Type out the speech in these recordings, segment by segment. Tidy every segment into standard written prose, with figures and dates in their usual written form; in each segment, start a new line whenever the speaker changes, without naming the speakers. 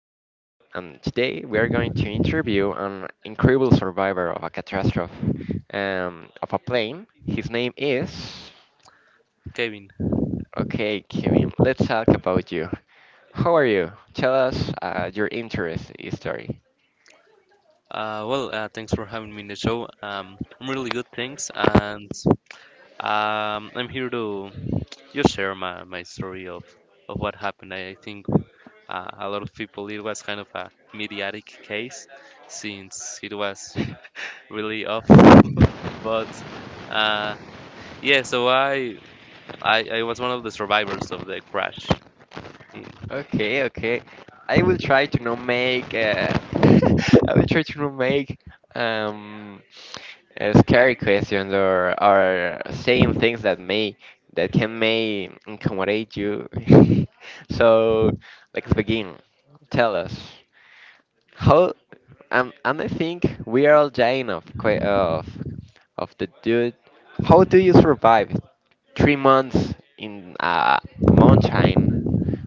is Leo, and today we are going to interview an incredible survivor of a catastrophe of a plane. His name is.
Kevin.
Okay, Kevin, let's talk about you. How are you? Tell us your interest story.
Thanks for having me in the show. I'm really good, thanks, and I'm here to just share my story of what happened. I think a lot of people it was kind of a mediatic case since it was really off, but uh, yeah. So I was one of the survivors of the crash. In
Okay,
yeah,
okay. I will try to not make. I will try to not make um, scary questions or saying things that may that can may incommodate you. So let's begin. Tell us how. And I think we are all dying of of the dude. How do you survive 3 months in a mountain?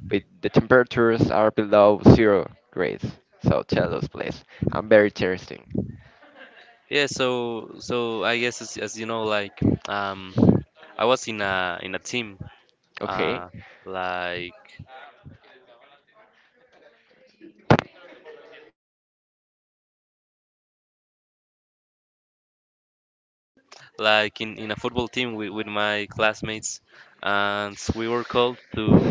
But the temperatures are below 0 degrees. So tell us, please. I'm very thirsty.
yeah. So I guess as you know, like um, I was in a team
Okay.
uh, like like in a football team with my classmates, and we were called to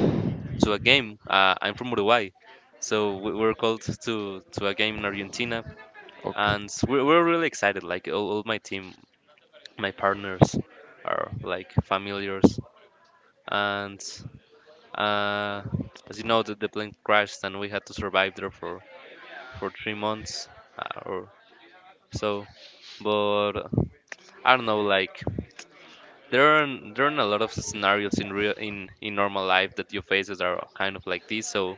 to a game. I'm from Uruguay, so we were called to a game in Argentina,
Okay.
and we're really excited. Like all my team, my partners are like familiars, and uh, as you know, the plane crashed, and we had to survive there for 3 months or so. But I don't know, like there are a lot of scenarios in real in normal life that you face that are kind of like this, so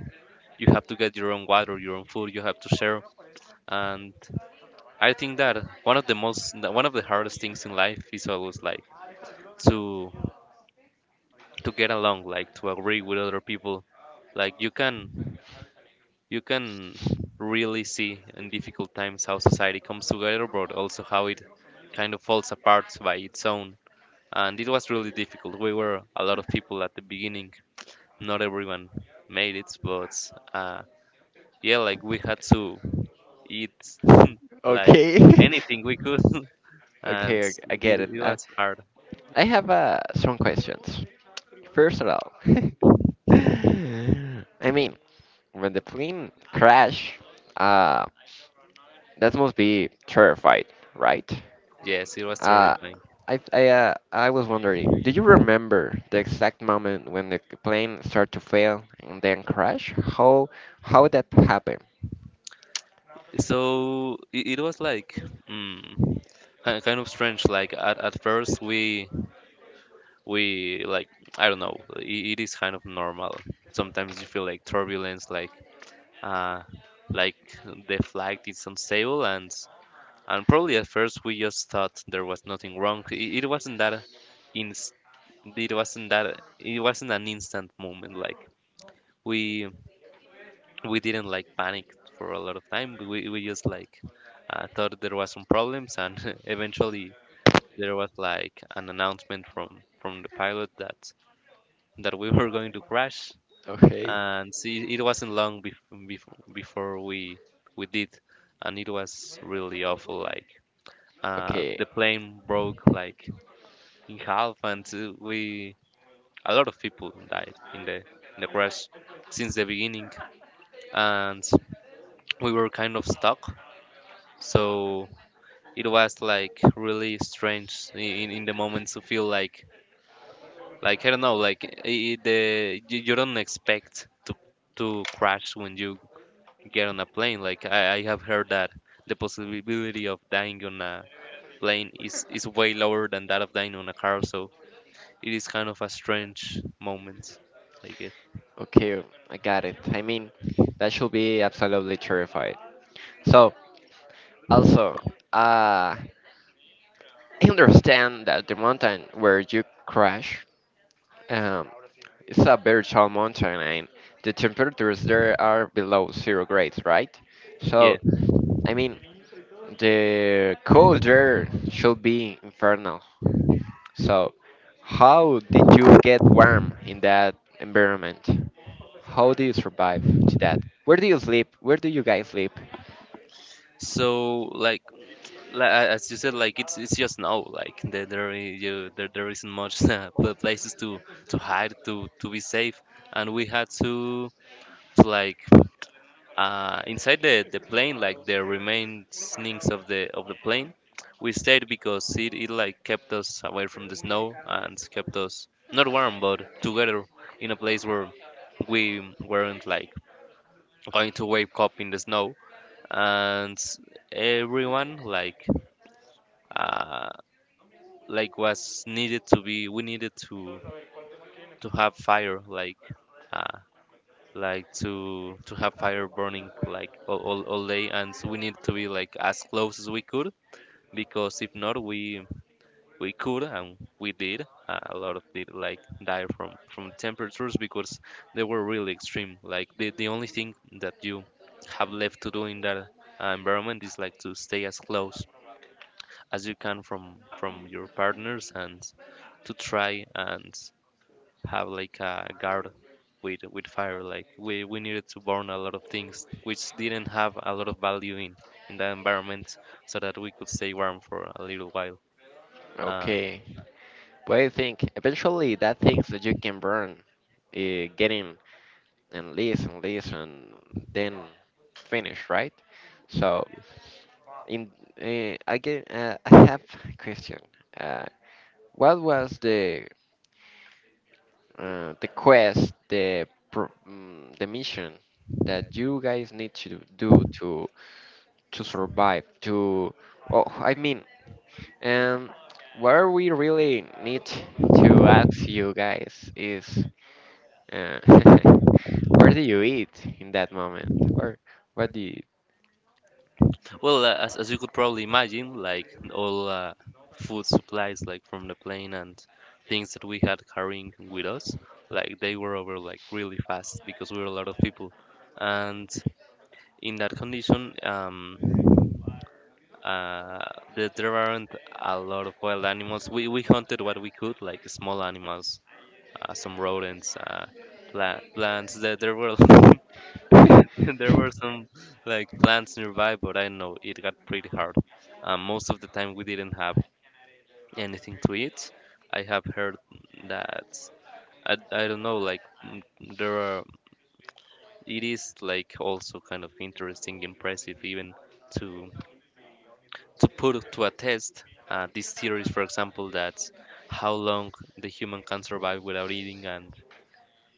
you have to get your own water, your own food, you have to share. And I think that one of the most one of the hardest things in life is always like to to get along, like to agree with other people. Like you can really see in difficult times how society comes together, but also how it kind of falls apart by its own. And it was really difficult. We were a lot of people at the beginning. Not everyone made it, but uh, yeah, like we had to eat like
Okay. Okay.
anything we could, and
Okay, I
it,
get it.
it was hard.
I have some questions. First of all, I mean, when the plane crash, uh, that must be terrified, right?
Yes, it was
Uh,
terrifying.
I I uh, I was wondering, do you remember the exact moment when the plane started to fail and then crash? How that happened?
So it was like mm, kind of strange. Like at first we like I don't know. It is kind of normal. Sometimes you feel like turbulence, uh, like the flight is unstable, and probably at first we just thought there was nothing wrong. It wasn't that inst- it wasn't that it wasn't an instant moment. Like we we didn't like panic for a lot of time. We just like thought there was some problems, and eventually there was like an announcement from the pilot that that we were going to crash.
Okay.
And see, it wasn't long before we did, and it was really awful. Like
Okay,
the plane broke like in half, and we a lot of people died in the crash since the beginning, and we were kind of stuck. So it was like really strange in the moment to feel like I don't know, like the you, you don't expect to crash when you get on a plane. Like I have heard that the possibility of dying on a plane is way lower than that of dying on a car. So it is kind of a strange moment, I guess.
okay, I got it. I mean, that should be absolutely terrified. So, also, uh, I understand that the mountain where you crash, um, it's a very tall mountain, and the temperatures there are below zero grades, right?
Yeah.
So, I mean, the colder should be infernal. So, how did you get warm in that environment? How do you survive to that? Where do you sleep? Where do you guys sleep?
So like as you said, like it's just now. Like there you, there isn't much places to hide to be safe, and we had to like inside the plane, like the remainings of the plane. We stayed because it like kept us away from the snow and kept us not warm but together in a place where we weren't like going to wake up in the snow, and everyone uh, like was needed to be we needed to have fire uh, like to have fire burning like all day. And so we needed to be like as close as we could, because if not we we could and we did a lot of did like die from temperatures, because they were really extreme. Like the only thing that you have left to do in that environment is like to stay as close as you can from your partners and to try and have like a guard with fire. Like we needed to burn a lot of things which didn't have a lot of value in that environment, so that we could stay warm for a little while. uh,
Okay. What do you think? Eventually, that things that you can burn, getting and less and less and then finish, right? So, in again, I have a question. Uh, what was the quest, the pro- mm, the mission that you guys need to do to survive. To oh, I mean, um, where we really need to ask you guys is, uh, where do you eat in that moment? Where what do you?
well uh, as you could probably imagine, like all food supplies like from the plane and things that we had carrying with us, like they were over like really fast because we were a lot of people. And in that condition, uh, there there aren't a lot of wild animals. We hunted what we could, like small animals, some rodents, plants. There were there were some like plants nearby, but I know it got pretty hard. Most of the time, we didn't have anything to eat. I have heard that I don't know, like there are. It is like also kind of interesting, impressive, even to. To put to a test these theories, for example, that how long the human can survive without eating, and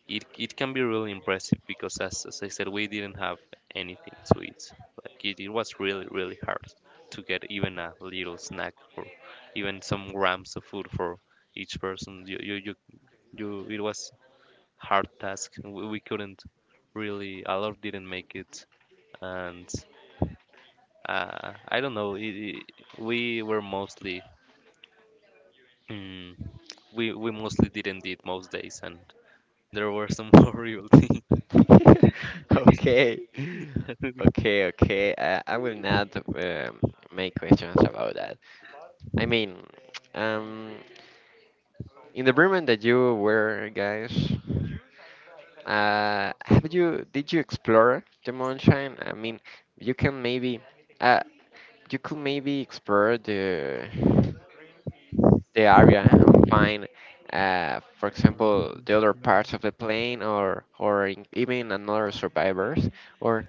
it can be really impressive because, as I said, we didn't have anything to eat. Like it was really, really hard to get even a little snack for even some grams of food for each person. You it was hard task. We couldn't really, a lot didn't make it, and I don't know. It, we were mostly. mm, we mostly didn't eat most days, and there were some horrible things
Okay,
that we-
okay. I will not make questions about that. I mean, um, in the Bremen that you were, guys, have you did you explore the moonshine? I mean, you can maybe, uh, you could maybe explore the area and find, for example, the other parts of the plane, or even another survivors, or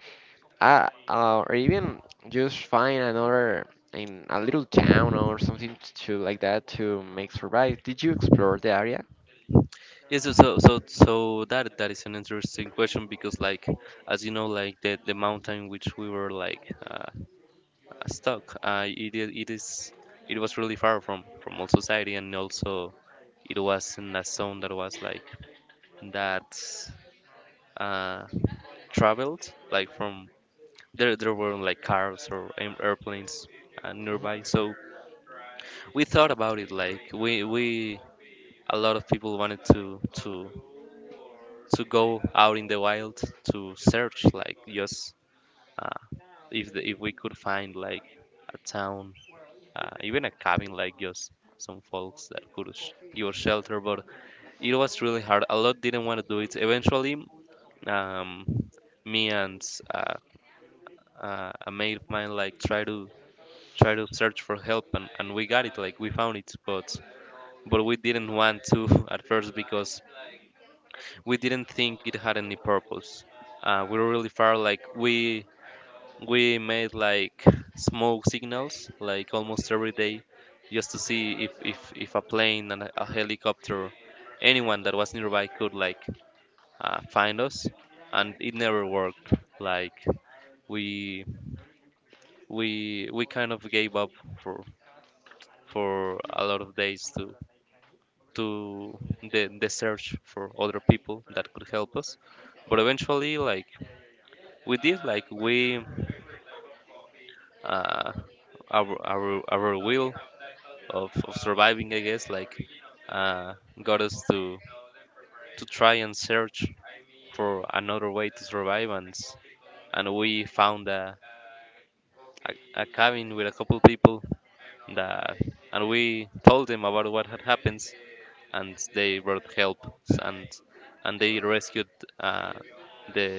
or even just find another in a little town or something to like that to make survive. Did you explore the area?
yes. So that that is an interesting question because like as you know, like the mountain which we were like stuck it, it is it was really far from all society, and also it was in a zone that was like that uh traveled like from there there were like cars or airplanes
Mhm.
nearby. So we thought about it like we a lot of people wanted to go out in the wild to search, like just uh, if the, if we could find like a town, even a cabin, like just some folks that could give us shelter. But it was really hard. A lot didn't want to do it. Eventually um, me and uh, a mate of mine like try to try to search for help, and we got it, like we found it. But we didn't want to at first, because we didn't think it had any purpose. We were really far, like we made like smoke signals, like almost every day, just to see if a plane and a helicopter, anyone that was nearby could like find us, and it never worked. Like we we kind of gave up for for a lot of days to the search for other people that could help us. But eventually like we did, like we uh our will of surviving, I guess, like uh got us to try and search for another way to survive, and and we found a cabin with a couple people that and we told them about what had happened, and they brought help, s- and and they rescued uh the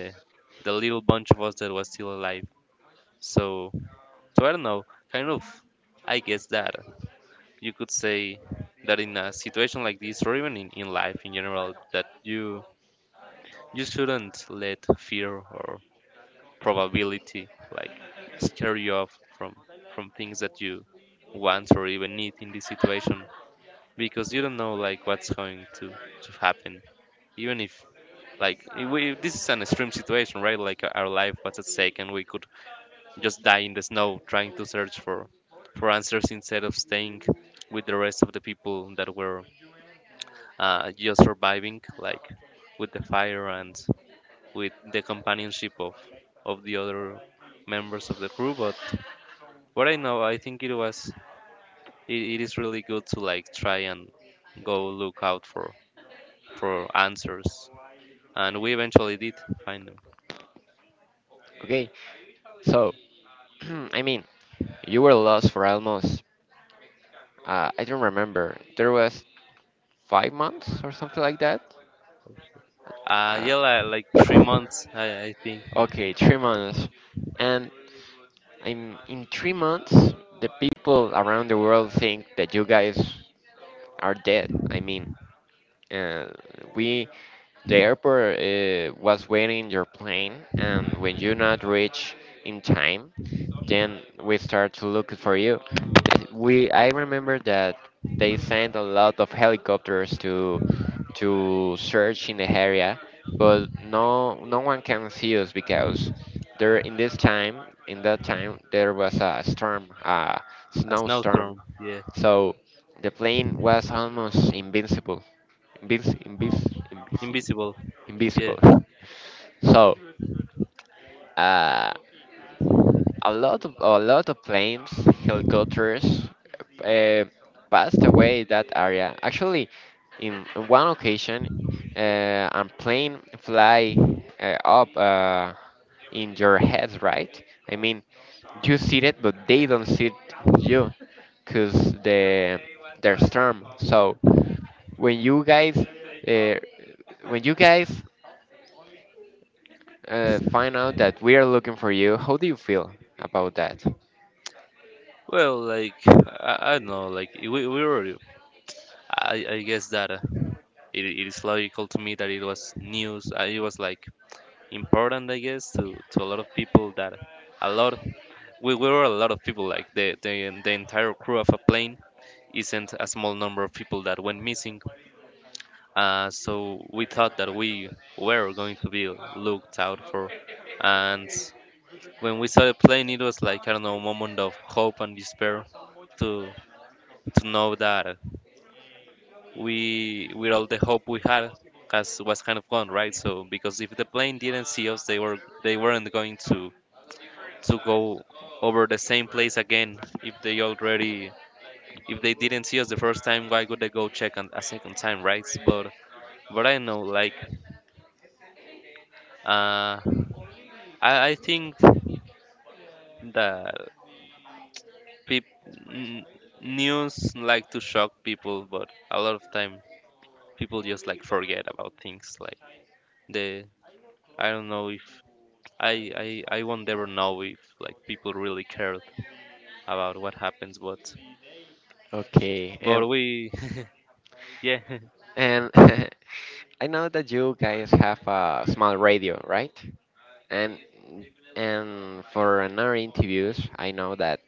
the little bunch of us that was still alive. So so I don't know, kind of I guess that you could say that in a situation like this, or even in life in general, that you shouldn't let fear or probability like scare you off from things that you want or even need in this situation, because you don't know like what's going to happen, even if like we, this is an extreme situation, right? Like our life was at stake, and we could just die in the snow trying to search for answers, instead of staying with the rest of the people that were just surviving, like with the fire and with the companionship of the other members of the crew. But what I know, I think it was it, it is really good to like try and go look out for answers, and we eventually did find them.
Okay, so. I mean, you were lost for almost, I don't remember, there was 5 months or something like that?
Yeah, like three
Uh,
months I think.
okay, 3 months. And in 3 months, the people around the world think that you guys are dead. I mean, uh, we, the airport was waiting your plane, and when you not reach in time, then we start to look for you. Th- We I remember that they sent a lot of helicopters to search in the area, but no one can see us because there in that time there was a storm, a
A
snowstorm.
snowstorm, yeah.
So the plane was almost invincible, invis, invis, invisible,
Invisible, yeah.
invisible. So uh, a lot of planes, helicopters, uh, passed away that area. Actually, in one occasion, a plane fly up in your head, right? I mean, you see it, but they don't see you, cause the their storm. So when you guys uh, when you guys find out that we are looking for you, how do you feel about that?
Well, like I don't know, like we were I guess that it, it is logical to me that it was news. It was like important, I guess, to a lot of people that a lot we were a lot of people. Like the entire crew of a plane isn't a small number of people that went missing. So we thought that we were going to be looked out for, and when we saw the plane, it was like, I don't know, a moment of hope and despair to to know that. We, with all the hope we had, has was kind of gone, right? So because if the plane didn't see us, they were, they weren't going to go over the same place again. If they already, if they didn't see us the first time, why would they go check on a second time, right? But I know, like, uh I think that peop, n- news like to shock people, but a lot of time people just like forget about things, like the, I don't know if I won't ever know if like people really cared about what happens,
Okay.
but we yeah
And I know that you guys have a small radio, right? And and for another interviews, I know that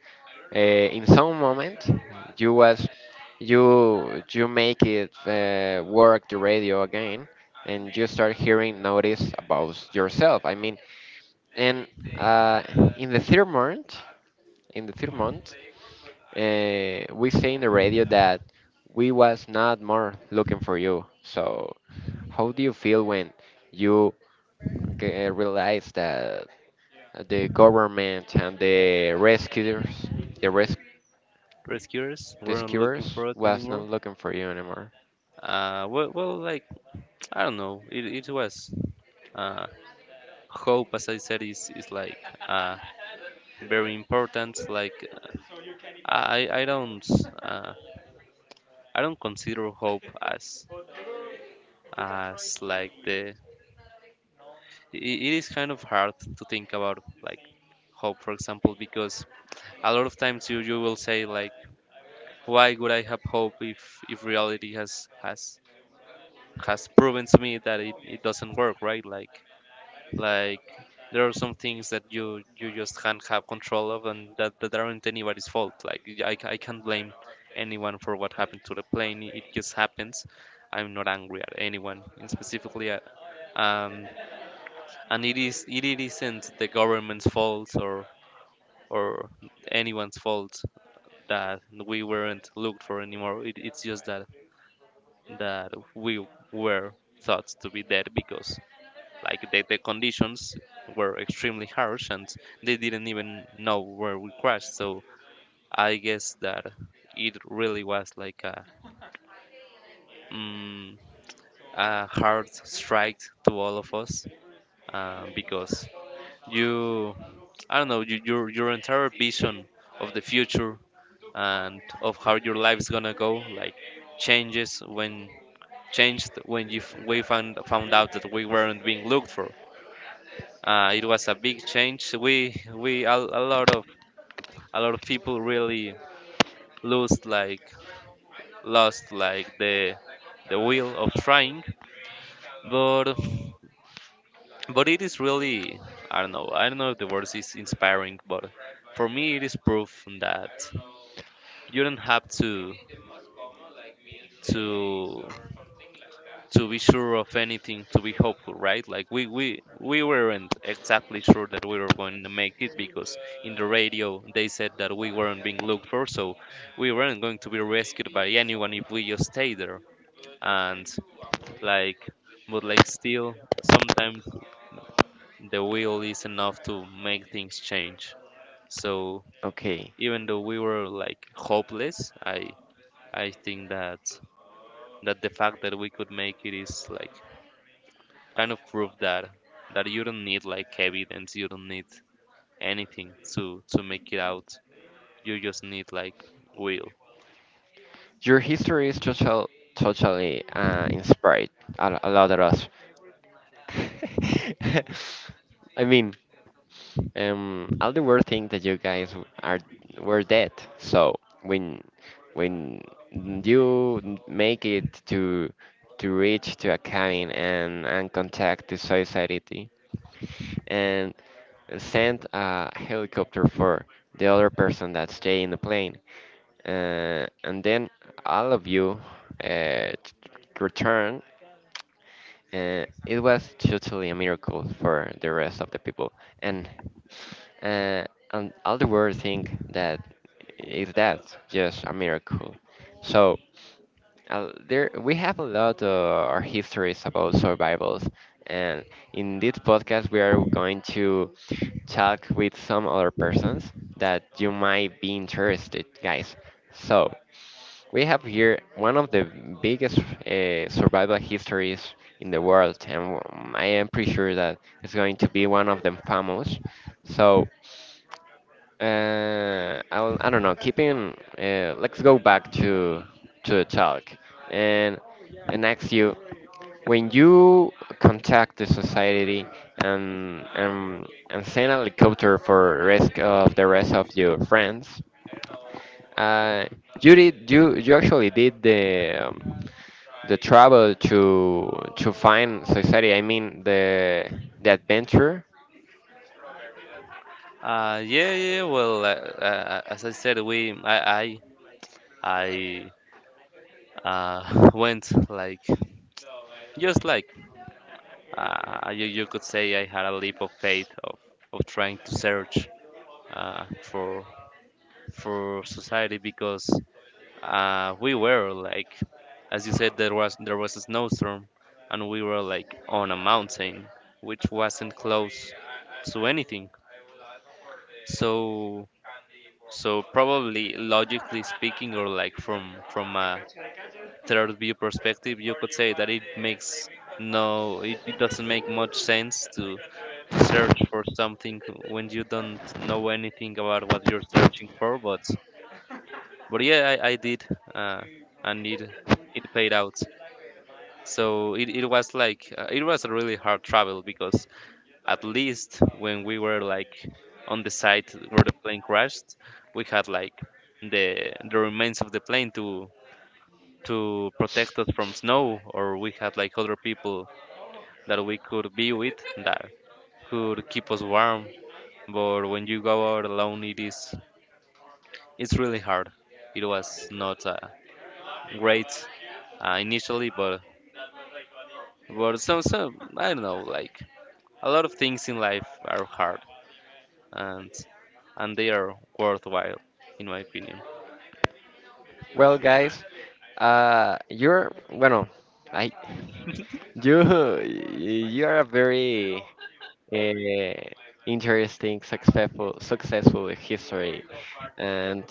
in some moment you was you make it work the radio again, and you start hearing notice about yourself. I mean, and uh, in the third month, in the third month, we say in the radio that we was not more looking for you, so how do you feel when you realize that the government and the rescuers, the
rescuers were not looking
rescuers,
for us
was not
anymore.
looking for you anymore?
Well, like, I don't know, it was, uh hope, as I said, is like, uh very important. Like, I don't, uh I don't consider hope as like the it is kind of hard to think about, like, hope, for example, because a lot of times you will say, like, why would I have hope if reality has has proven to me that it doesn't work, right? Like there are some things that you just can't have control of, and that aren't anybody's fault. Like, I can't blame anyone for what happened to the plane. It just happens. I'm not angry at anyone, and specifically at, um, and it is it it isn't the government's fault, or anyone's fault, that we weren't looked for anymore. It's just that we were thought to be dead because, like, the conditions were extremely harsh and they didn't even know where we crashed. So I guess that it really was like a, mm, a hard strike to all of us, because you, I don't know, you, your entire vision of the future and of how your life's gonna go, like, changes when changed when we found out that we weren't being looked for. It was a big change. We a lot of people really lost like lost, like, the will of trying. But but it is really, I don't know if the word is inspiring, but for me it is proof that you don't have to to be sure of anything to be hopeful, right? Like, we weren't exactly sure that we were going to make it because in the radio they said that we weren't being looked for, so we weren't going to be rescued by anyone if we just stay there. And like But, like, still, sometimes the will is enough to make things change. So
Okay,
even though we were like hopeless, I think that the fact that we could make it is like kind of prove that you don't need like evidence, you don't need anything to make it out. You just need, like, will.
your history is totally inspired a lot of us. I mean, all the weird think that you guys w- are were dead. So when when you make it to reach to a cabin and contact the society and send a helicopter for the other person that stay in the plane, and then all of you uh, t- return. It was totally a miracle for the rest of the people and uh, and all the world think that is that just a miracle. So there we have a lot of histories about survivals, and in this podcast we are going to talk with some other persons that you might be interested, guys. So we have here one of the biggest survival histories in the world, and I am pretty sure that it's going to be one of them famous. So I do not know. Keeping, let's go back to the talk and ask you when you contact the society and and send a helicopter for risk of the rest of your friends. Uh, you you actually did the travel to find society. I mean the adventure.
Yeah, yeah. Well, as I said, we I, I went like, just like, you could say I had a leap of faith of trying to search, uh, for for society because, we were like, as you said, there was a snowstorm, and we were like on a mountain, which wasn't close to anything. So so probably, logically speaking, or like from a third view perspective, you could say that it makes no, it doesn't make much sense to search for something when you don't know anything about what you're searching for. But yeah, I did, uh, and it paid out. So it was a really hard travel because, at least when we were like on the site where the plane crashed, we had like the remains of the plane to protect us from snow, or we had like other people that we could be with that could keep us warm. But when you go out alone, it's really hard. It was not, great, initially, but some I don't know, like, a lot of things in life are hard, and, and they are worthwhile, in my opinion.
Well, guys, you're bueno. I You are a very uh, interesting, successful history, and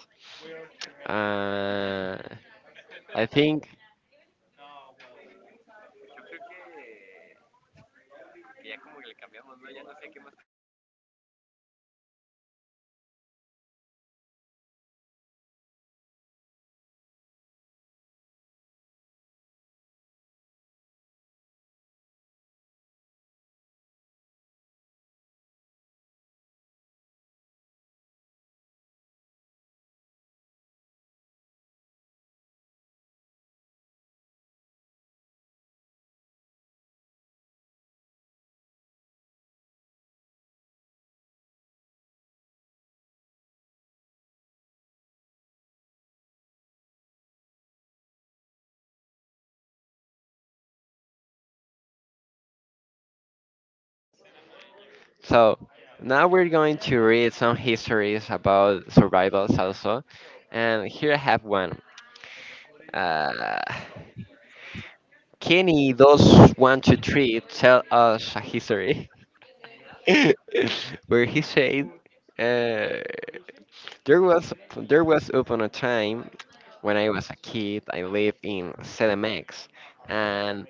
uh, I think so. Now we're going to read some histories about survivals also, and here I have one. Uh, Kenny does 1 2 3 tell us a history where he said. Uh, there was upon a time when I was a kid. I lived in CDMX, and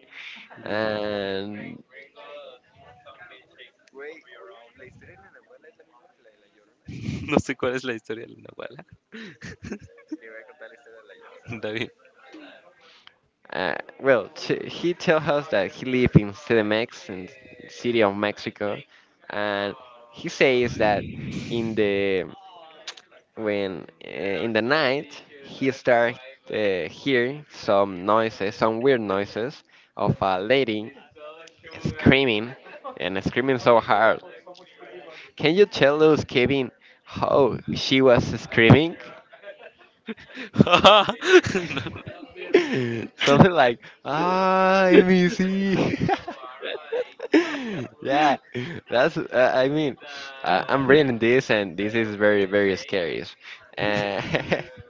Yeah.
and
No sé cuál es la historia de la Nahuala. David.
well, he tells us that he lived in CDMX, in city of Mexico, and he says that in the when in the night he started hear some noises, some weird noises of a lady screaming and screaming so hard. Can you tell us, Kevin, how she was screaming?
No.
Something like, "I miss you." Yeah, that's. I mean, I'm reading this, and this is very, very scary. Uh,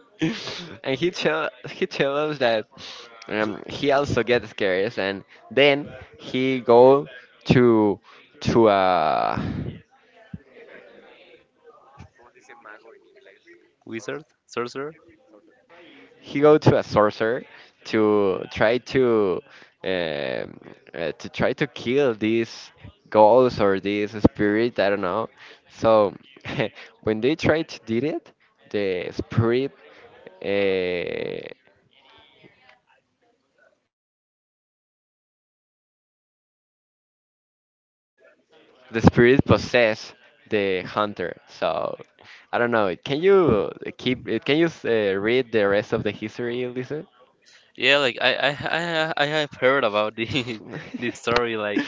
and he tell us that he also gets scared, and then he go to to uh
Wizard? Sorcerer?
a sorcerer to try to um, to try to kill these ghosts or these spirit. I don't know. So when they try to did it, the spirit uh, possess the hunter. So I don't know. Can you keep? Can you read the rest of the history, Lisa?
Yeah, like, I have heard about this this story. Like,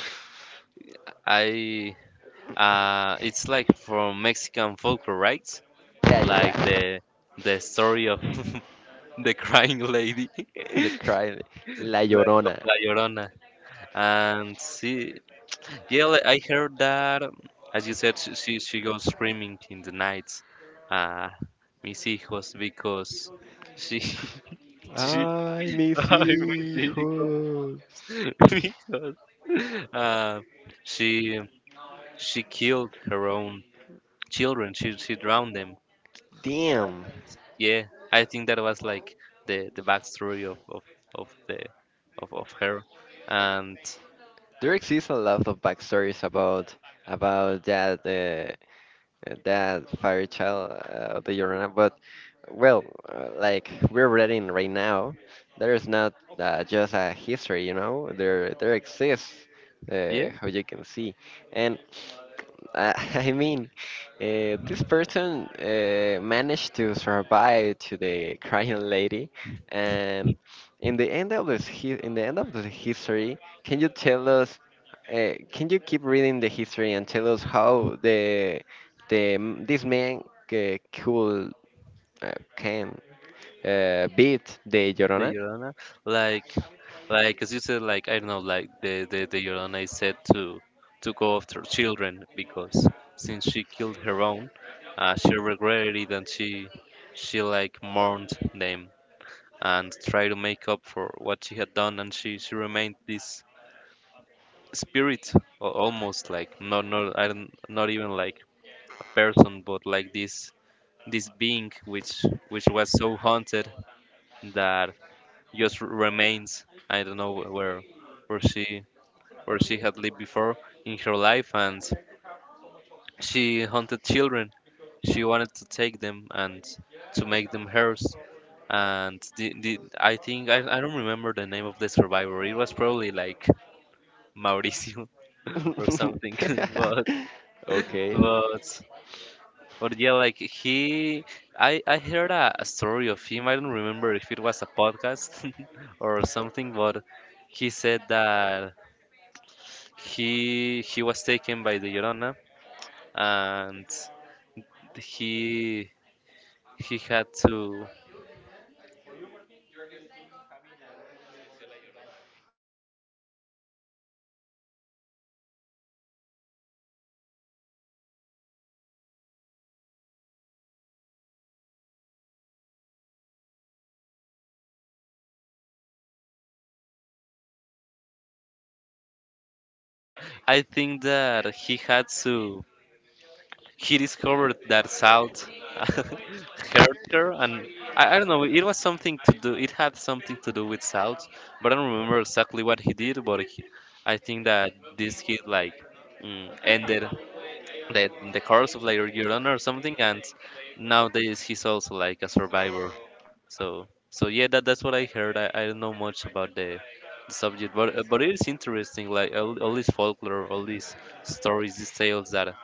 I it's like from Mexican folklore, right?
Yeah, yeah,
Like,
yeah.
the story of the crying lady, like,
The cry, La
of
Llorona.
La Llorona, and she, yeah, I heard that. As you said, she goes screaming in the nights. Uh, Mis hijos, because she she.
Ay, mis
Ay, mis hijos,
hijos.
because, uh, she she killed her own children. She drowned them.
Damn.
Yeah, I think that was like the backstory of the of her, and
There exists a lot of backstories about that that fire child of the Llorona, but well, like we're reading right now, there is not just a history, you know. There exists,
yeah.
how you can see, and. I mean, this person managed to survive to the crying lady, and in the end of this, in the end of the history, can you tell us? Can you keep reading the history and tell us how the this man could can beat the
The
Llorona?
Llorona, like, as you said, like, I don't know, like the Llorona is said to go after children because, since she killed her own, she regretted it, and she like mourned them and tried to make up for what she had done, and she remained this spirit, almost like, not I don't, not even, like, a person, but like this being, which was so haunted that. Just remains. I don't know where she where she had lived before in her life, and she hunted children. She wanted to take them and to make them hers. And I think, I don't remember the name of the survivor. It was probably like Mauricio or something, but
Okay,
but but yeah, like he, I heard a story of him. I don't remember if it was a podcast or something, but he said that he was taken by the Llorona, and he he had to I think that he had to he discovered that South hurt her, and I don't know, it had something to do with South, but I don't remember exactly what he did, but he, I think that this kid, like, ended the course of, like, Llorona or something, and nowadays he's also like a survivor. So yeah, that's what I heard. I don't know much about the subject, but it is interesting. Like all this folklore, all these stories, these tales that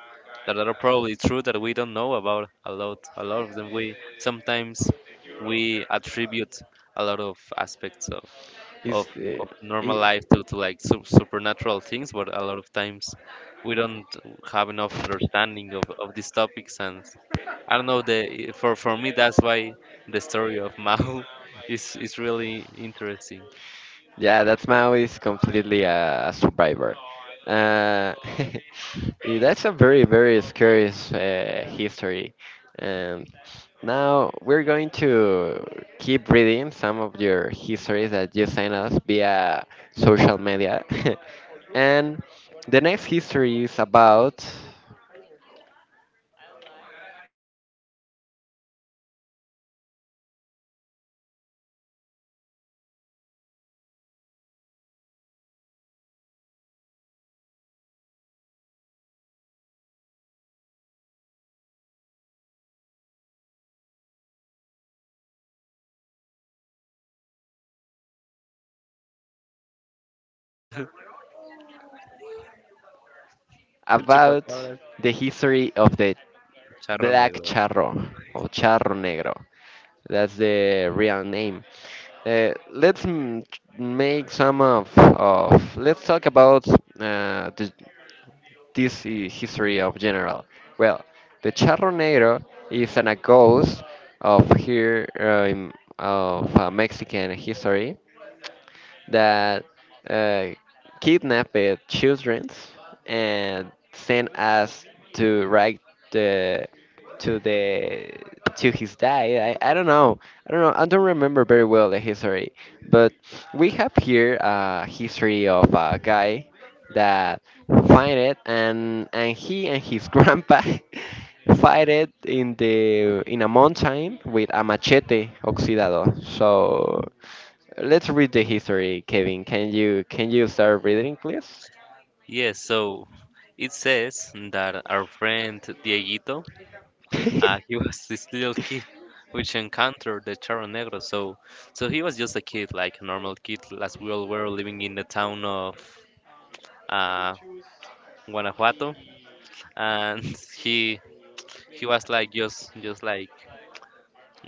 are probably true, that we don't know about a lot. A lot of them we sometimes, we attribute a lot of aspects of
is uh,
of normal
i-
life to like supernatural things, but a lot of times we don't have enough understanding of, these topics, and I don't know, the for me that's why the story of Mao is really interesting.
yeah, that's Maui is completely a survivor. Uh, yeah, that's a very, very scary history. And now we're going to keep reading some of your histories that you sent us via social media. And the next history is about
El
about
chupacabras.
the history of the
Charro
black
Negro.
charro or charro negro. That's the real name. Let's make some of let's talk about uh, the, this history of general. Well, the charronero is an a ghost of here of Mexican history that uh, kidnapped children and sent us to write the the to his dad. I don't know. I don't know. I don't remember very well the history, but we have here a history of a guy that find it and he and his grandpa fight it in the in a mountain with a machete oxidado. So let's read the history, Kevin. Can you start reading, please?
Yes, so it says that our friend Dieguito, he was this little kid, which encountered the Charro Negro. So, he was just a kid, like a normal kid, as we all were, living in the town of, uh, Guanajuato, and he he was like just like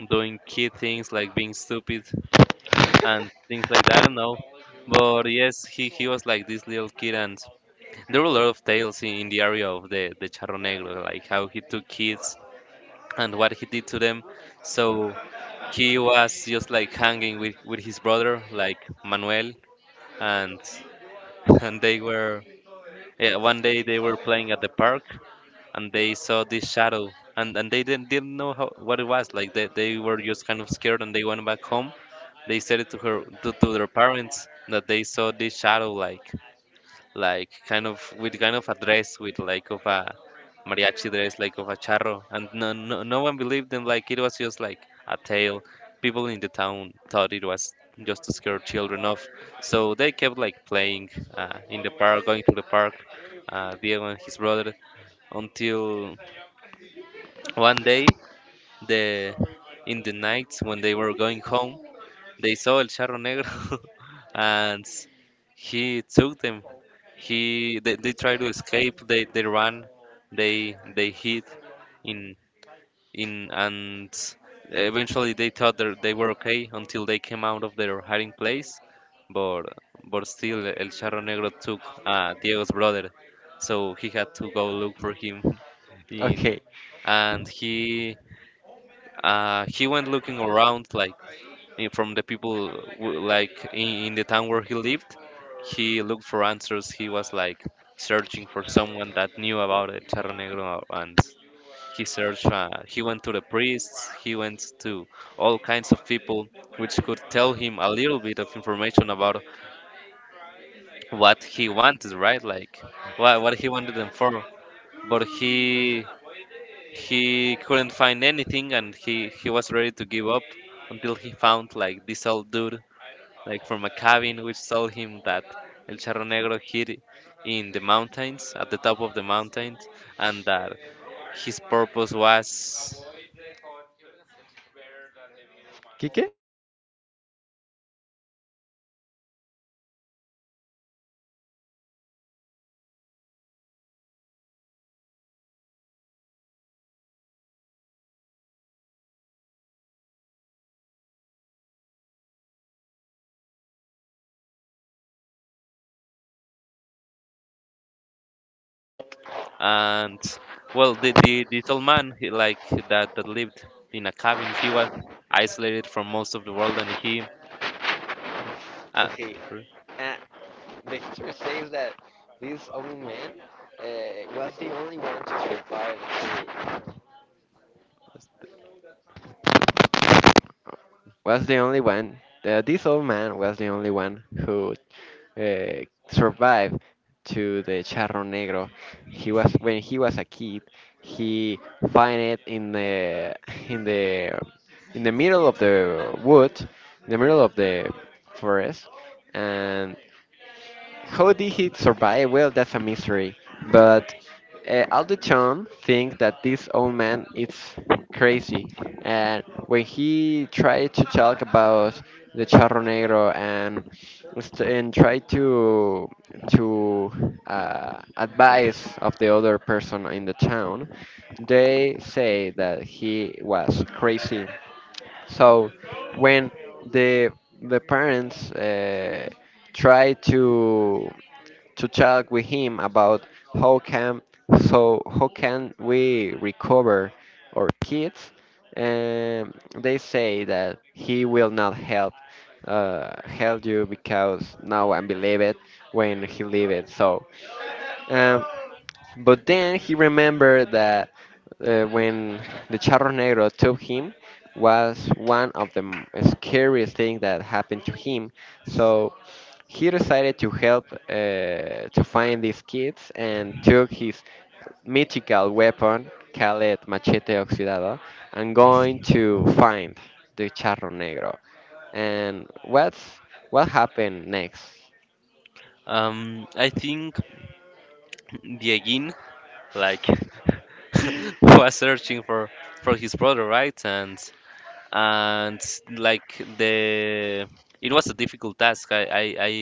doing kid things, like being stupid, and things like that. I don't know, but yes, he was like this little kid, and there were a lot of tales in the area of the Charro Negro, like how he took kids and what he did to them. So he was just like hanging with his brother, like, Manuel, and and they were yeah, one day they were playing at the park and they saw this shadow. And they didn't know how, what it was like, they were just kind of scared, and they went back home. They said it to to their parents, that they saw this shadow, like kind of with, kind of a dress, with like of a mariachi dress, like of a charro, and no one believed them, like it was just like a tale. People in the town thought it was just to scare children off. So they kept like playing, in the park, going to the park, Diego and his brother, until one day, the in the nights when they were going home, they saw El Charro Negro and he took them. He They tried to escape. They ran. They hid in in and eventually they thought that they were okay, until they came out of their hiding place. But but still El Charro Negro took Diego's brother, so he had to go look for him in
Okay.
and he went looking around like from the people like in the town where he lived. He looked for answers. He was like searching for someone that knew about it, Charro Negro, and he searched, he went to the priests, he went to all kinds of people which could tell him a little bit of information about what he wanted, right? Like what he wanted them for. But he couldn't find anything and he was ready to give up until he found like this old dude, like from a cabin, which told him that El Charro Negro hid in the mountains, at the top of the mountains, and that his purpose was.
Kike?
And well, the this old man, he, like that lived in a cabin, he was isolated from most of the world, and he. Uh,
Okay, uh, the history says that this old man uh, was the only one to survive was the only one. The, this old man was the only one who survived to the Charro Negro. He was when he was a kid. He find it in the in the in the middle of the wood, in the middle of the forest, and how did he survive? Well, that's a mystery. But Alderton thinks that this old man is crazy. And when he tried to talk about the Charro Negro and tried to advise of the other person in the town, they say that he was crazy. So when the the parents try to talk with him about how can so how can we recover our kids, and they say that he will not help you because no one believe it when he leave it um, but then he remembered that when the Charro Negro took him was one of the scariest things that happened to him. So he decided to help to find these kids and took his mythical weapon, called Machete Oxidado, and going to find the Charro Negro. And what happened next?
I think Diegin, like, was searching for his brother, right? And like the it was a difficult task. I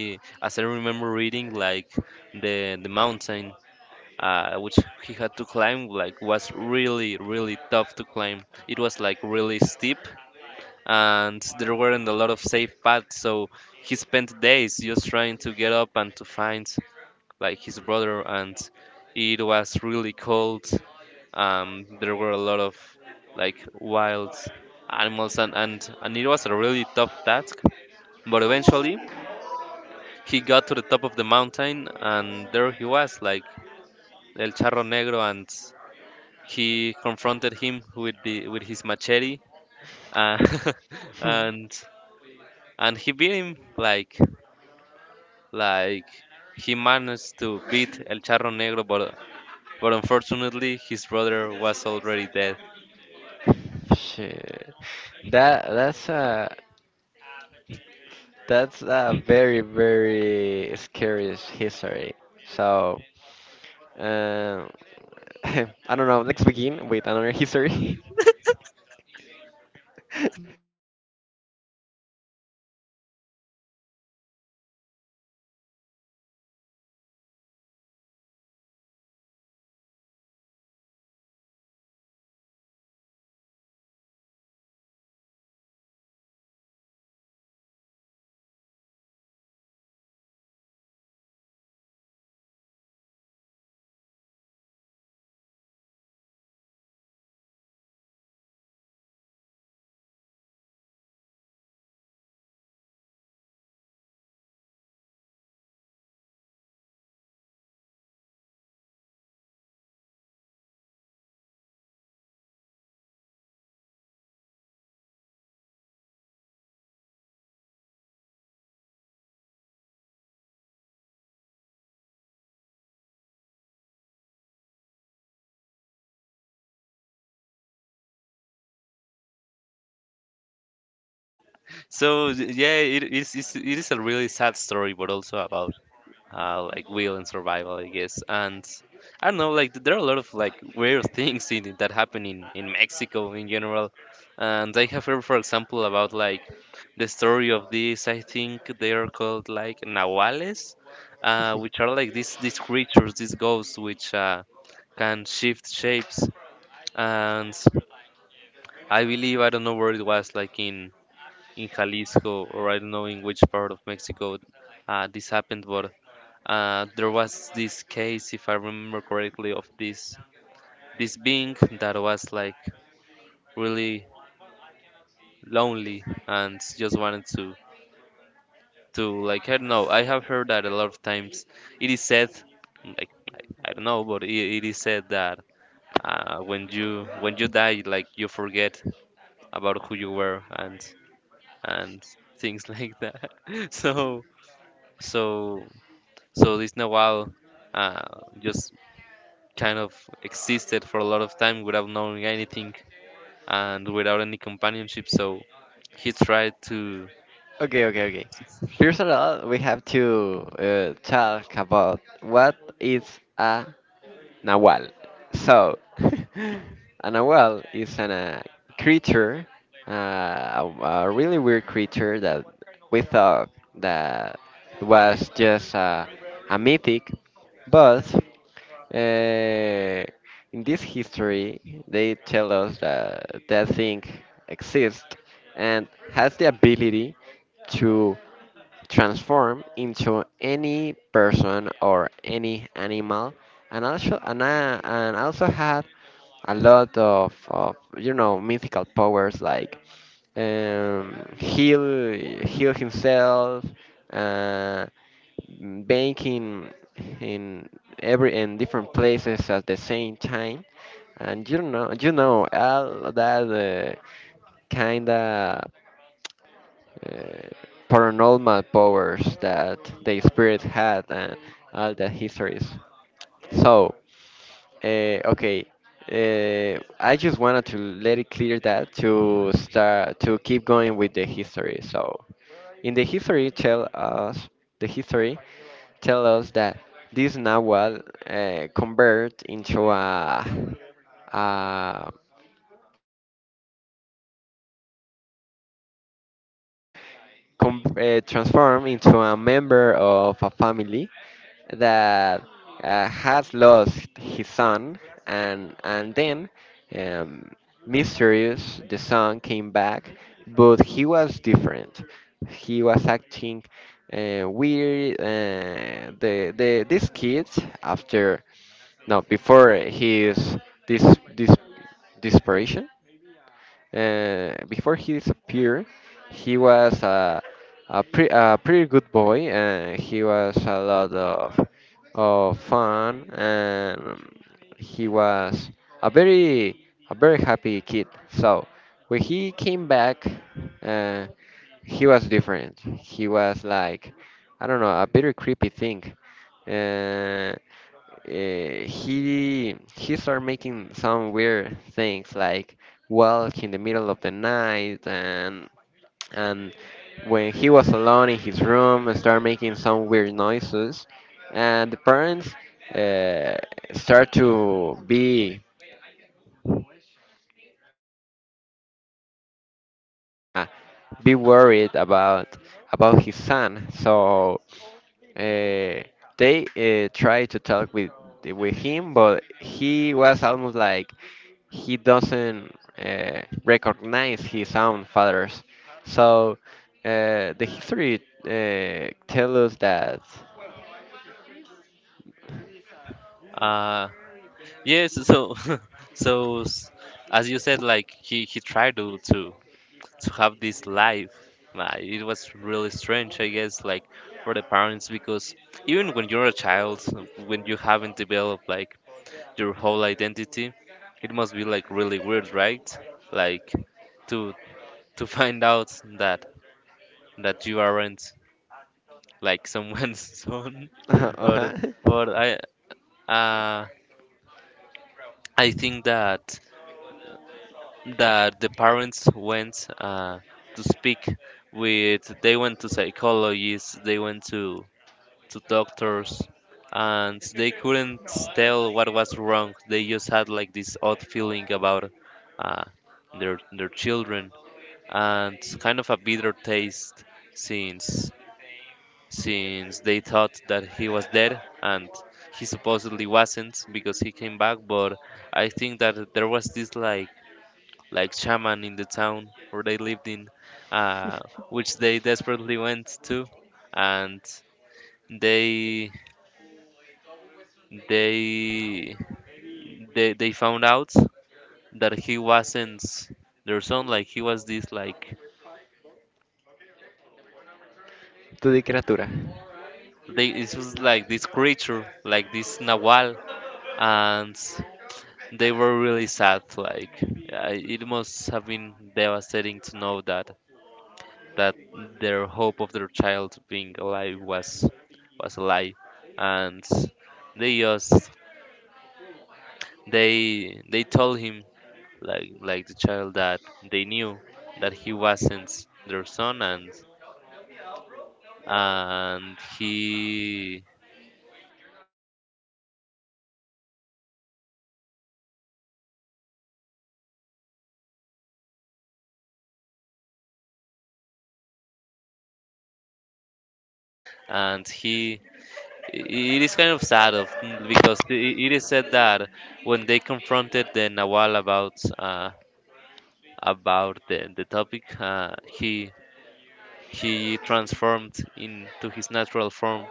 as I remember reading, like the mountain which he had to climb, like was really really tough to climb. It was like really steep and there weren't a lot of safe paths. So he spent days just trying to get up and to find like his brother, and it was really cold. There were a lot of like wild animals, and it was a really tough task. But eventually he got to the top of the mountain and there he was, like el Charro Negro, and he confronted him with the with his machete, uh, and he beat him, like like he managed to beat el Charro Negro, but unfortunately his brother was already dead.
Shit. That that's a That's a very, very scary history. So, um, I don't know. Let's begin with another history.
So yeah, it is a really sad story, but also about like will and survival, I guess. And I don't know, like there are a lot of like weird things in it that happen in Mexico in general. And I have heard, for example, about like the story of these. I think they are called like nahuales, which are like these creatures, these ghosts, which can shift shapes. And I believe, I don't know where it was, like in Jalisco, or I don't know in which part of Mexico this happened, but there was this case, if I remember correctly, of this being that was like really lonely and just wanted to like, I don't know. I have heard that a lot of times. It is said, like I don't know, but it is said that when you die, like you forget about who you were and and things like that. So so So this Nahual uh, just kind of existed for a lot of time without knowing anything and without any companionship. So he tried to,
Okay, okay, okay. First of all, we have to talk about what is a Nahual. So, a Nahual is a creature, a really weird creature that we thought that was just a mythic, but uh, in this history, they tell us that that thing exists and has the ability to transform into any person or any animal, and also and also had a lot of mythical powers like heal himself, uh, banking in in different places at the same time, and all that kind of uh, paranormal powers that the spirit had and all the histories. So, okay, I just wanted to let it clear that to start to keep going with the history. So, in the history, tell us the history tell us that this Nahual convert into a com- transform into a member of a family that has lost his son, and then um, mysterious, the son came back, but he was different. He was acting weird. These kids, after, no, before his this this desperation, before he disappeared, he was a pretty good boy, and he was a lot of fun, and he was a very a very happy kid. So when he came back, uh, he was different. He was like, I don't know, a very creepy thing. Uh, he started making some weird things, like walk in the middle of the night and and when he was alone in his room, and started making some weird noises. And the parents uh, start to uh, be worried about his son. So uh, they tried to talk with him, but he was almost like he doesn't recognize his own fathers. So the history tells us that.
uh, yes. So so s- as you said, like he tried to, to have this life. It was really strange, I guess, like for the parents, because even when you're a child, when you haven't developed like your whole identity. It must be like really weird, right? Like to to find out that you aren't like someone's son
Ajá.
or or I uh I think that the parents went to speak with, they went to psychologists, they went to doctors, and they couldn't tell what was wrong. They just had like this odd feeling about uh their children, and kind of a bitter taste, since since they thought that he was dead and he supposedly wasn't because he came back. But I think that there was this like shaman in the town where they lived in, uh, which they desperately went to, and they they they found out that he wasn't their son, like he was this like,
Tu di criatura.
they it was like this creature, like this nawal. And they were really sad. Like I, it must have been devastating to know that that their hope of their child being alive was a lie, and they just they told him, like the child that they knew, that he wasn't their son. And and he he. It is kind of sad of, because it is said that when they confronted the Nawal about, about the topic, he transformed into his natural form,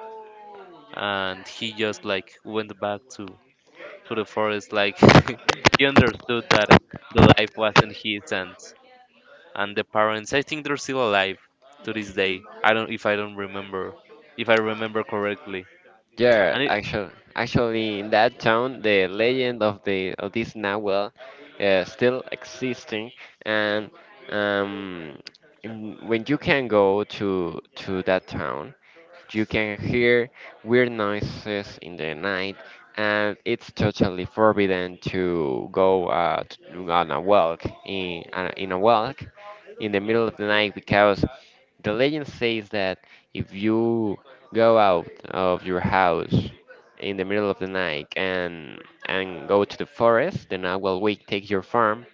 and he just like went back to the forest. Like he understood that the life wasn't his, and the parents, I think they're still alive to this day. I don't, if I remember correctly,
Yeah,
and
actually, in that town, the legend of the of this Nahuel still existing, and um, when you can go to that town, you can hear weird noises in the night, and it's totally forbidden to go on a walk in a walk in the middle of the night, because the legend says that if you go out of your house in the middle of the night and go to the forest, the Nahual will take your farm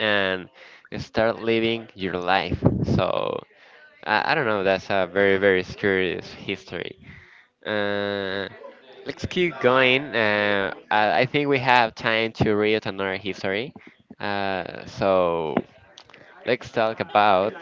and start living your life. So I don't know. That's a very, very scary history. Uh, let's keep going. I think we have time to read another history. So let's talk about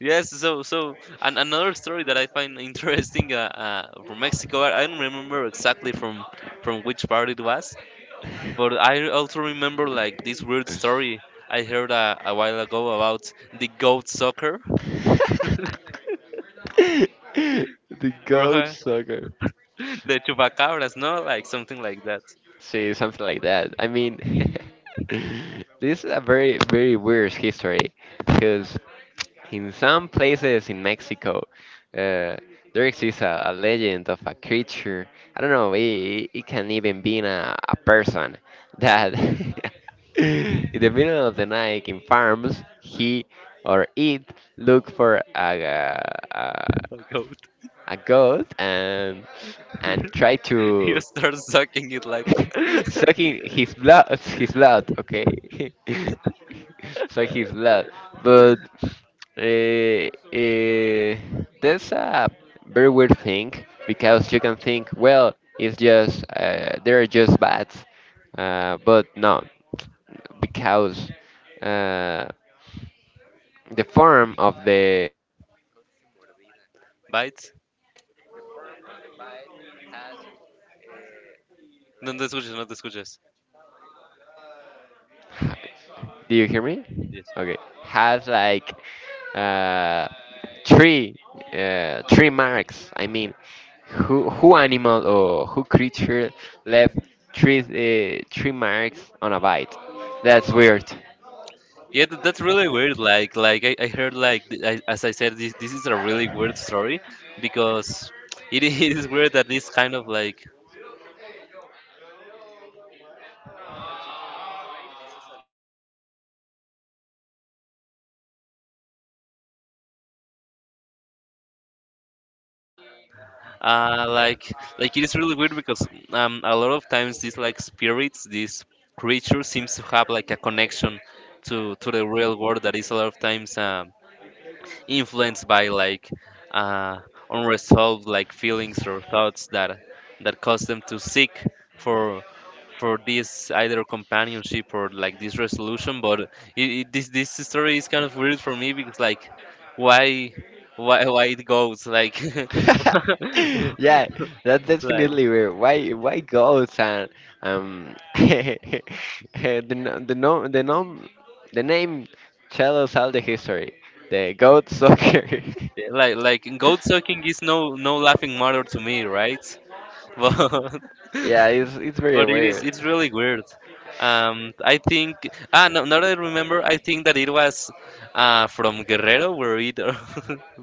yes. So and another story that I find interesting, from Mexico. I don't remember exactly from which part it was, but I also remember like this weird story I heard a while ago about the goat sucker,
the
or
goat sucker.
the chupacabras, no, like something like that.
See, something like that. I mean, this is a very, very weird history, because in some places in Mexico, uh, there exists a legend of a creature. I don't know, it can even be in a person that in the middle of the night, in farms, he or it look for a,
A goat,
a goat and try
you
to
start sucking it like
sucking his blood, his blood, okay. So his blood. But uh, uh, that's a very weird thing, because you can think, well, it's just they're just bats. But no, because uh, the form of the—
bites. No no te escuches, no te escuches.
Do you hear me?
Yes.
Okay. Has like uh, three three marks. I mean, who animal or who creature left three marks on a bite? That's weird.
Yeah, that's really weird. Like I heard like, as I said, this is a really weird story because it it is weird that this kind of like uh like like it is really weird, because a lot of times these like spirits, these creatures seems to have like a connection to the real world that is a lot of times, influenced by like uh, unresolved like feelings or thoughts that cause them to seek for this either companionship or like this resolution. But this this story is kind of weird for me, because like why why it goes like
Yeah, that's
like
definitely weird. Why goats? And the no, the no, the nom the name tell us all the history. The goat soccer.
like goat sucking is no no laughing matter to me, right? but
Yeah, it's very
But it is
weird.
it's really weird. I think, ah no, now that I remember, I think that it was from Guerrero where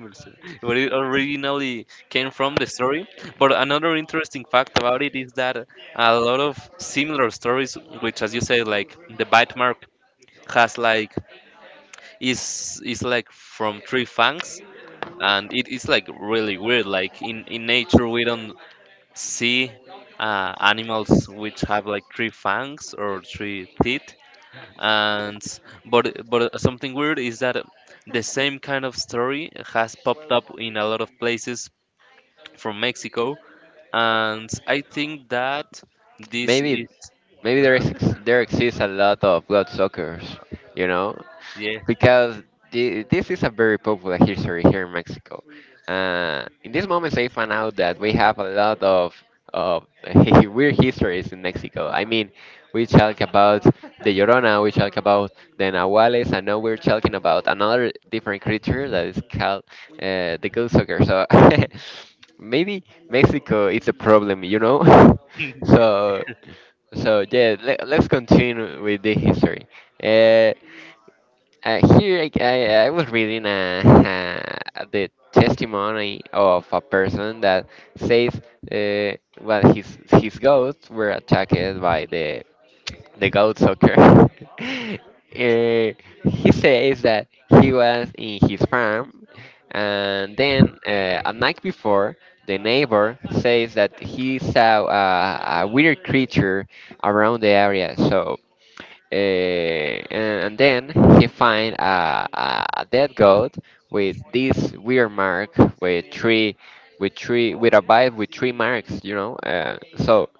where it originally came from, the story. But another interesting fact about it is that a lot of similar stories, which as you say, like the bite mark has like is like from three fangs. And it is like really weird. Like in nature, we don't see animals which have like three fangs or three teeth, and but something weird is that the same kind of story has popped up in a lot of places from Mexico, and I think that this
Maybe
is
maybe there exists a lot of blood suckers, you know,
yeah.
because this is a very popular history here in Mexico. In these moments, I found out that we have a lot of weird histories in Mexico. I mean, we talk about the Llorona, we talk about the Nahuales, and now we're talking about another different creature that is called the Goldsucker. So maybe Mexico is a problem, you know? so, so, yeah, let's continue with the history. Uh, here I was reading the testimony of a person that says well, his goats were attacked by the goat sucker. Uh, he says that he was in his farm, and then a night before, the neighbor says that he saw a weird creature around the area. So, and then he find a dead goat with this weird mark with three with three with a bite with three marks, so,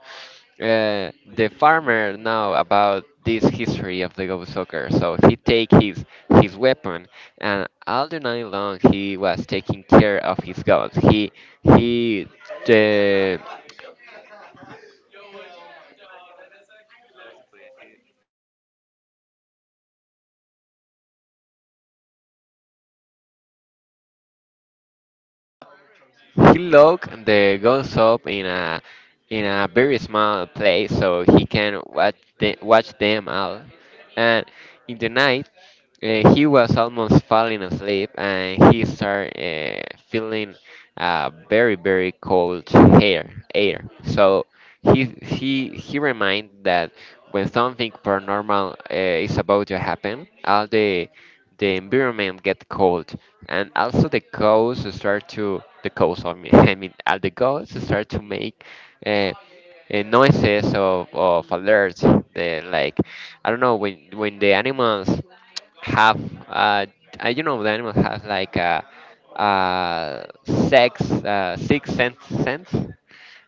uh, the farmer know about this history of the goat soccer, so he take his weapon, and all the night long he was taking care of his goats he uh, He locked the guns up in a very small place, so he can watch watch them all. And in the night, he was almost falling asleep, and he started feeling a very, very cold air. So he reminded that when something paranormal is about to happen, all the environment get cold, and also the ghosts, I mean, I mean, the ghosts start to make uh, noises of alerts. They like, I don't know, when the animals have uh, you know, the animals have like a, uh sex, six sense,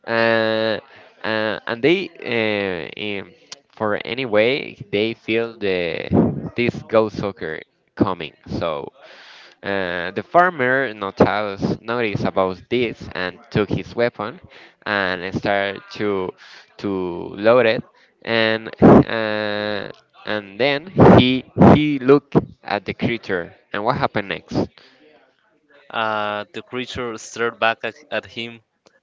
uh, and they for any way they feel the this ghost soccer coming. So the farmer noticed about this, and took his weapon, and started to load it, and and then he he looked at the creature, and what happened next?
The creature stared back at him,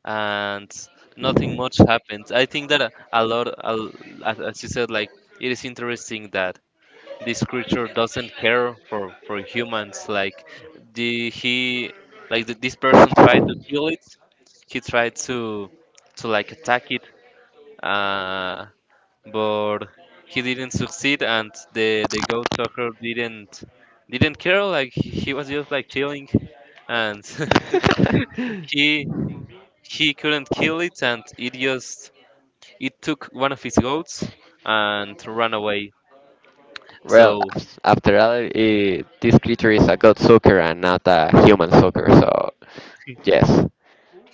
and nothing much happened. I think that a lot a, l- as you said, like it is interesting that this creature doesn't care for humans. Like the he like this person tried to kill it, he tried to like attack it, uh but he didn't succeed, and the goat talker didn't care, like he was just like chilling, and he couldn't kill it, and it just it took one of his goats and ran away.
Well,
So
after all, this creature is a god sucker and not a human sucker, so yes.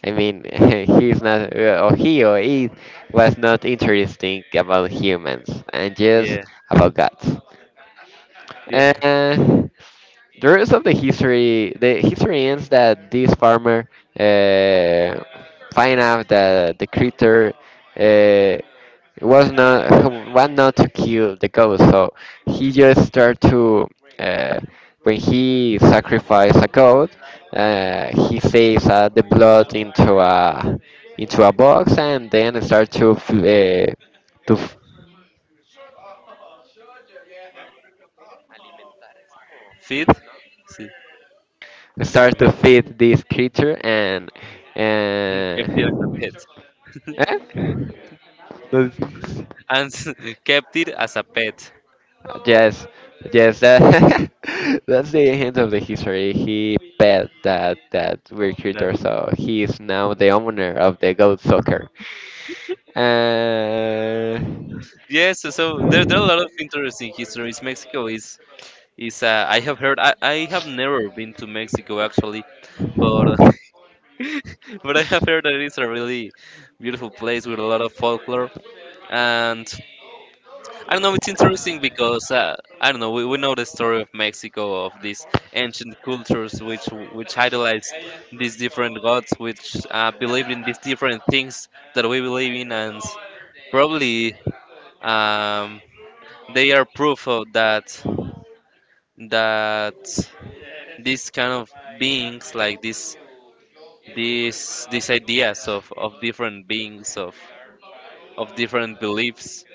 I mean, he's not, or he or it was not interesting about humans, and just
yeah,
about gods.
yeah.
Uh, the rest of the history ends that this farmer uh, find out that the creature uh, was not want not to kill the ghost. So he just start to uh, when he sacrifice a goat, he saves the blood into a box, and then start to f-
Feed.
Start to feed
God.
this creature and
Kept it as a
and
pet.
Eh? That's—
And kept it as a pet,
yes, yes. That's the end of the history. He bet that that weird
that,
creature, so he is now the owner of the goat soccer. Uh,
yes. So there, there are a lot of interesting histories. Mexico is, I have heard, I have never been to Mexico, actually, but but I have heard that it's a really beautiful place with a lot of folklore. And I don't know, it's interesting because, I don't know, we know the story of Mexico, of these ancient cultures, which idolized these different gods, which believed in these different things that we believe in, and probably, um, they are proof of that, that these kind of beings, like these these ideas of different beings, of different beliefs,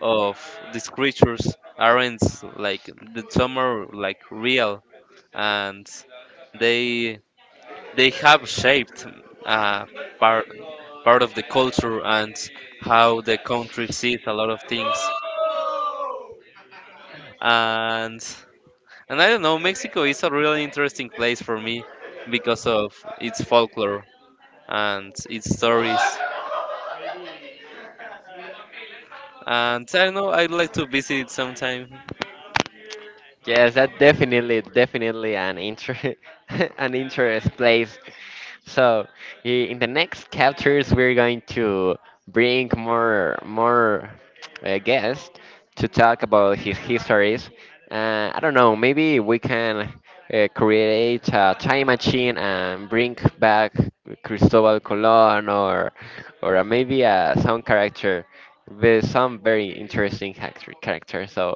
of these creatures, aren't like the, some are like real, and they have shaped uh, part of the culture and how the country sees a lot of things. and and I don't know, Mexico is a really interesting place for me because of its folklore and its stories, and I don't know, I'd like to visit it sometime.
Yes, that definitely, definitely an inter an interest place. So in the next chapters, we're going to bring more guests to talk about his histories. I don't know, maybe we can create a time machine and bring back Cristobal Colon, or maybe a some character, with some very interesting character. So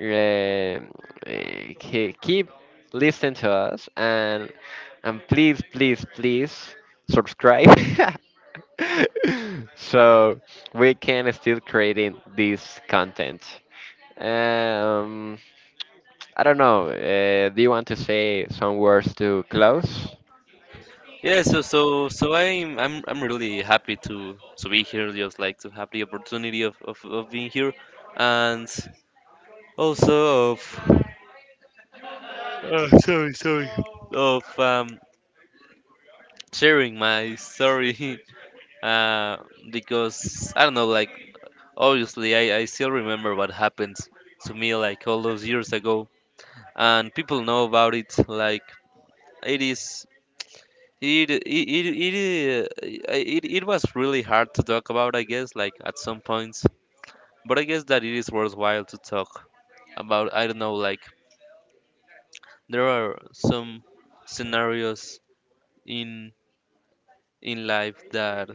um, keep listening to us, and please, please, please subscribe. So we can still creating this content. Um, I don't know. Do you want to say some words to close?
Yeah, so I'm I'm really happy to be here, just like to have the opportunity of of being here, and also of, oh, sorry, of sharing my story, uh because I don't know, like obviously I still remember what happened to me like all those years ago, and people know about it, like it is. It it it it, uh, it was really hard to talk about, I guess. Like at some points, but I guess that it is worthwhile to talk about. I don't know, like there are some scenarios in life that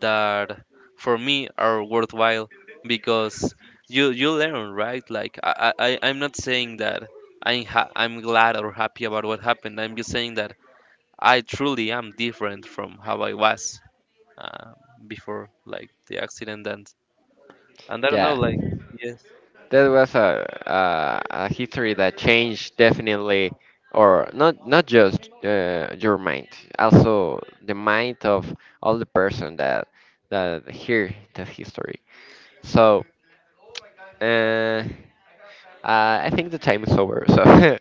that for me are worthwhile because you learn, right? Like I'm not saying that I'm glad or happy about what happened. I'm just saying that I truly am different from how I was uh, before, like the accident, and I don't know,
Yeah.
like yes,
That was a history that changed definitely, or not just your mind, also the mind of all the person that hear that history, so uh, I think the time is over, so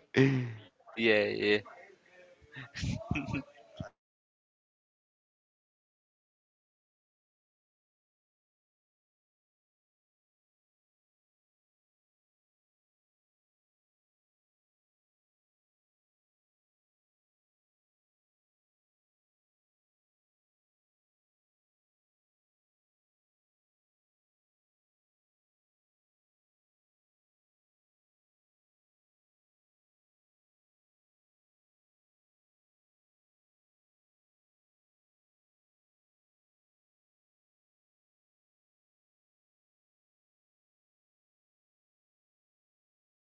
yeah, yeah.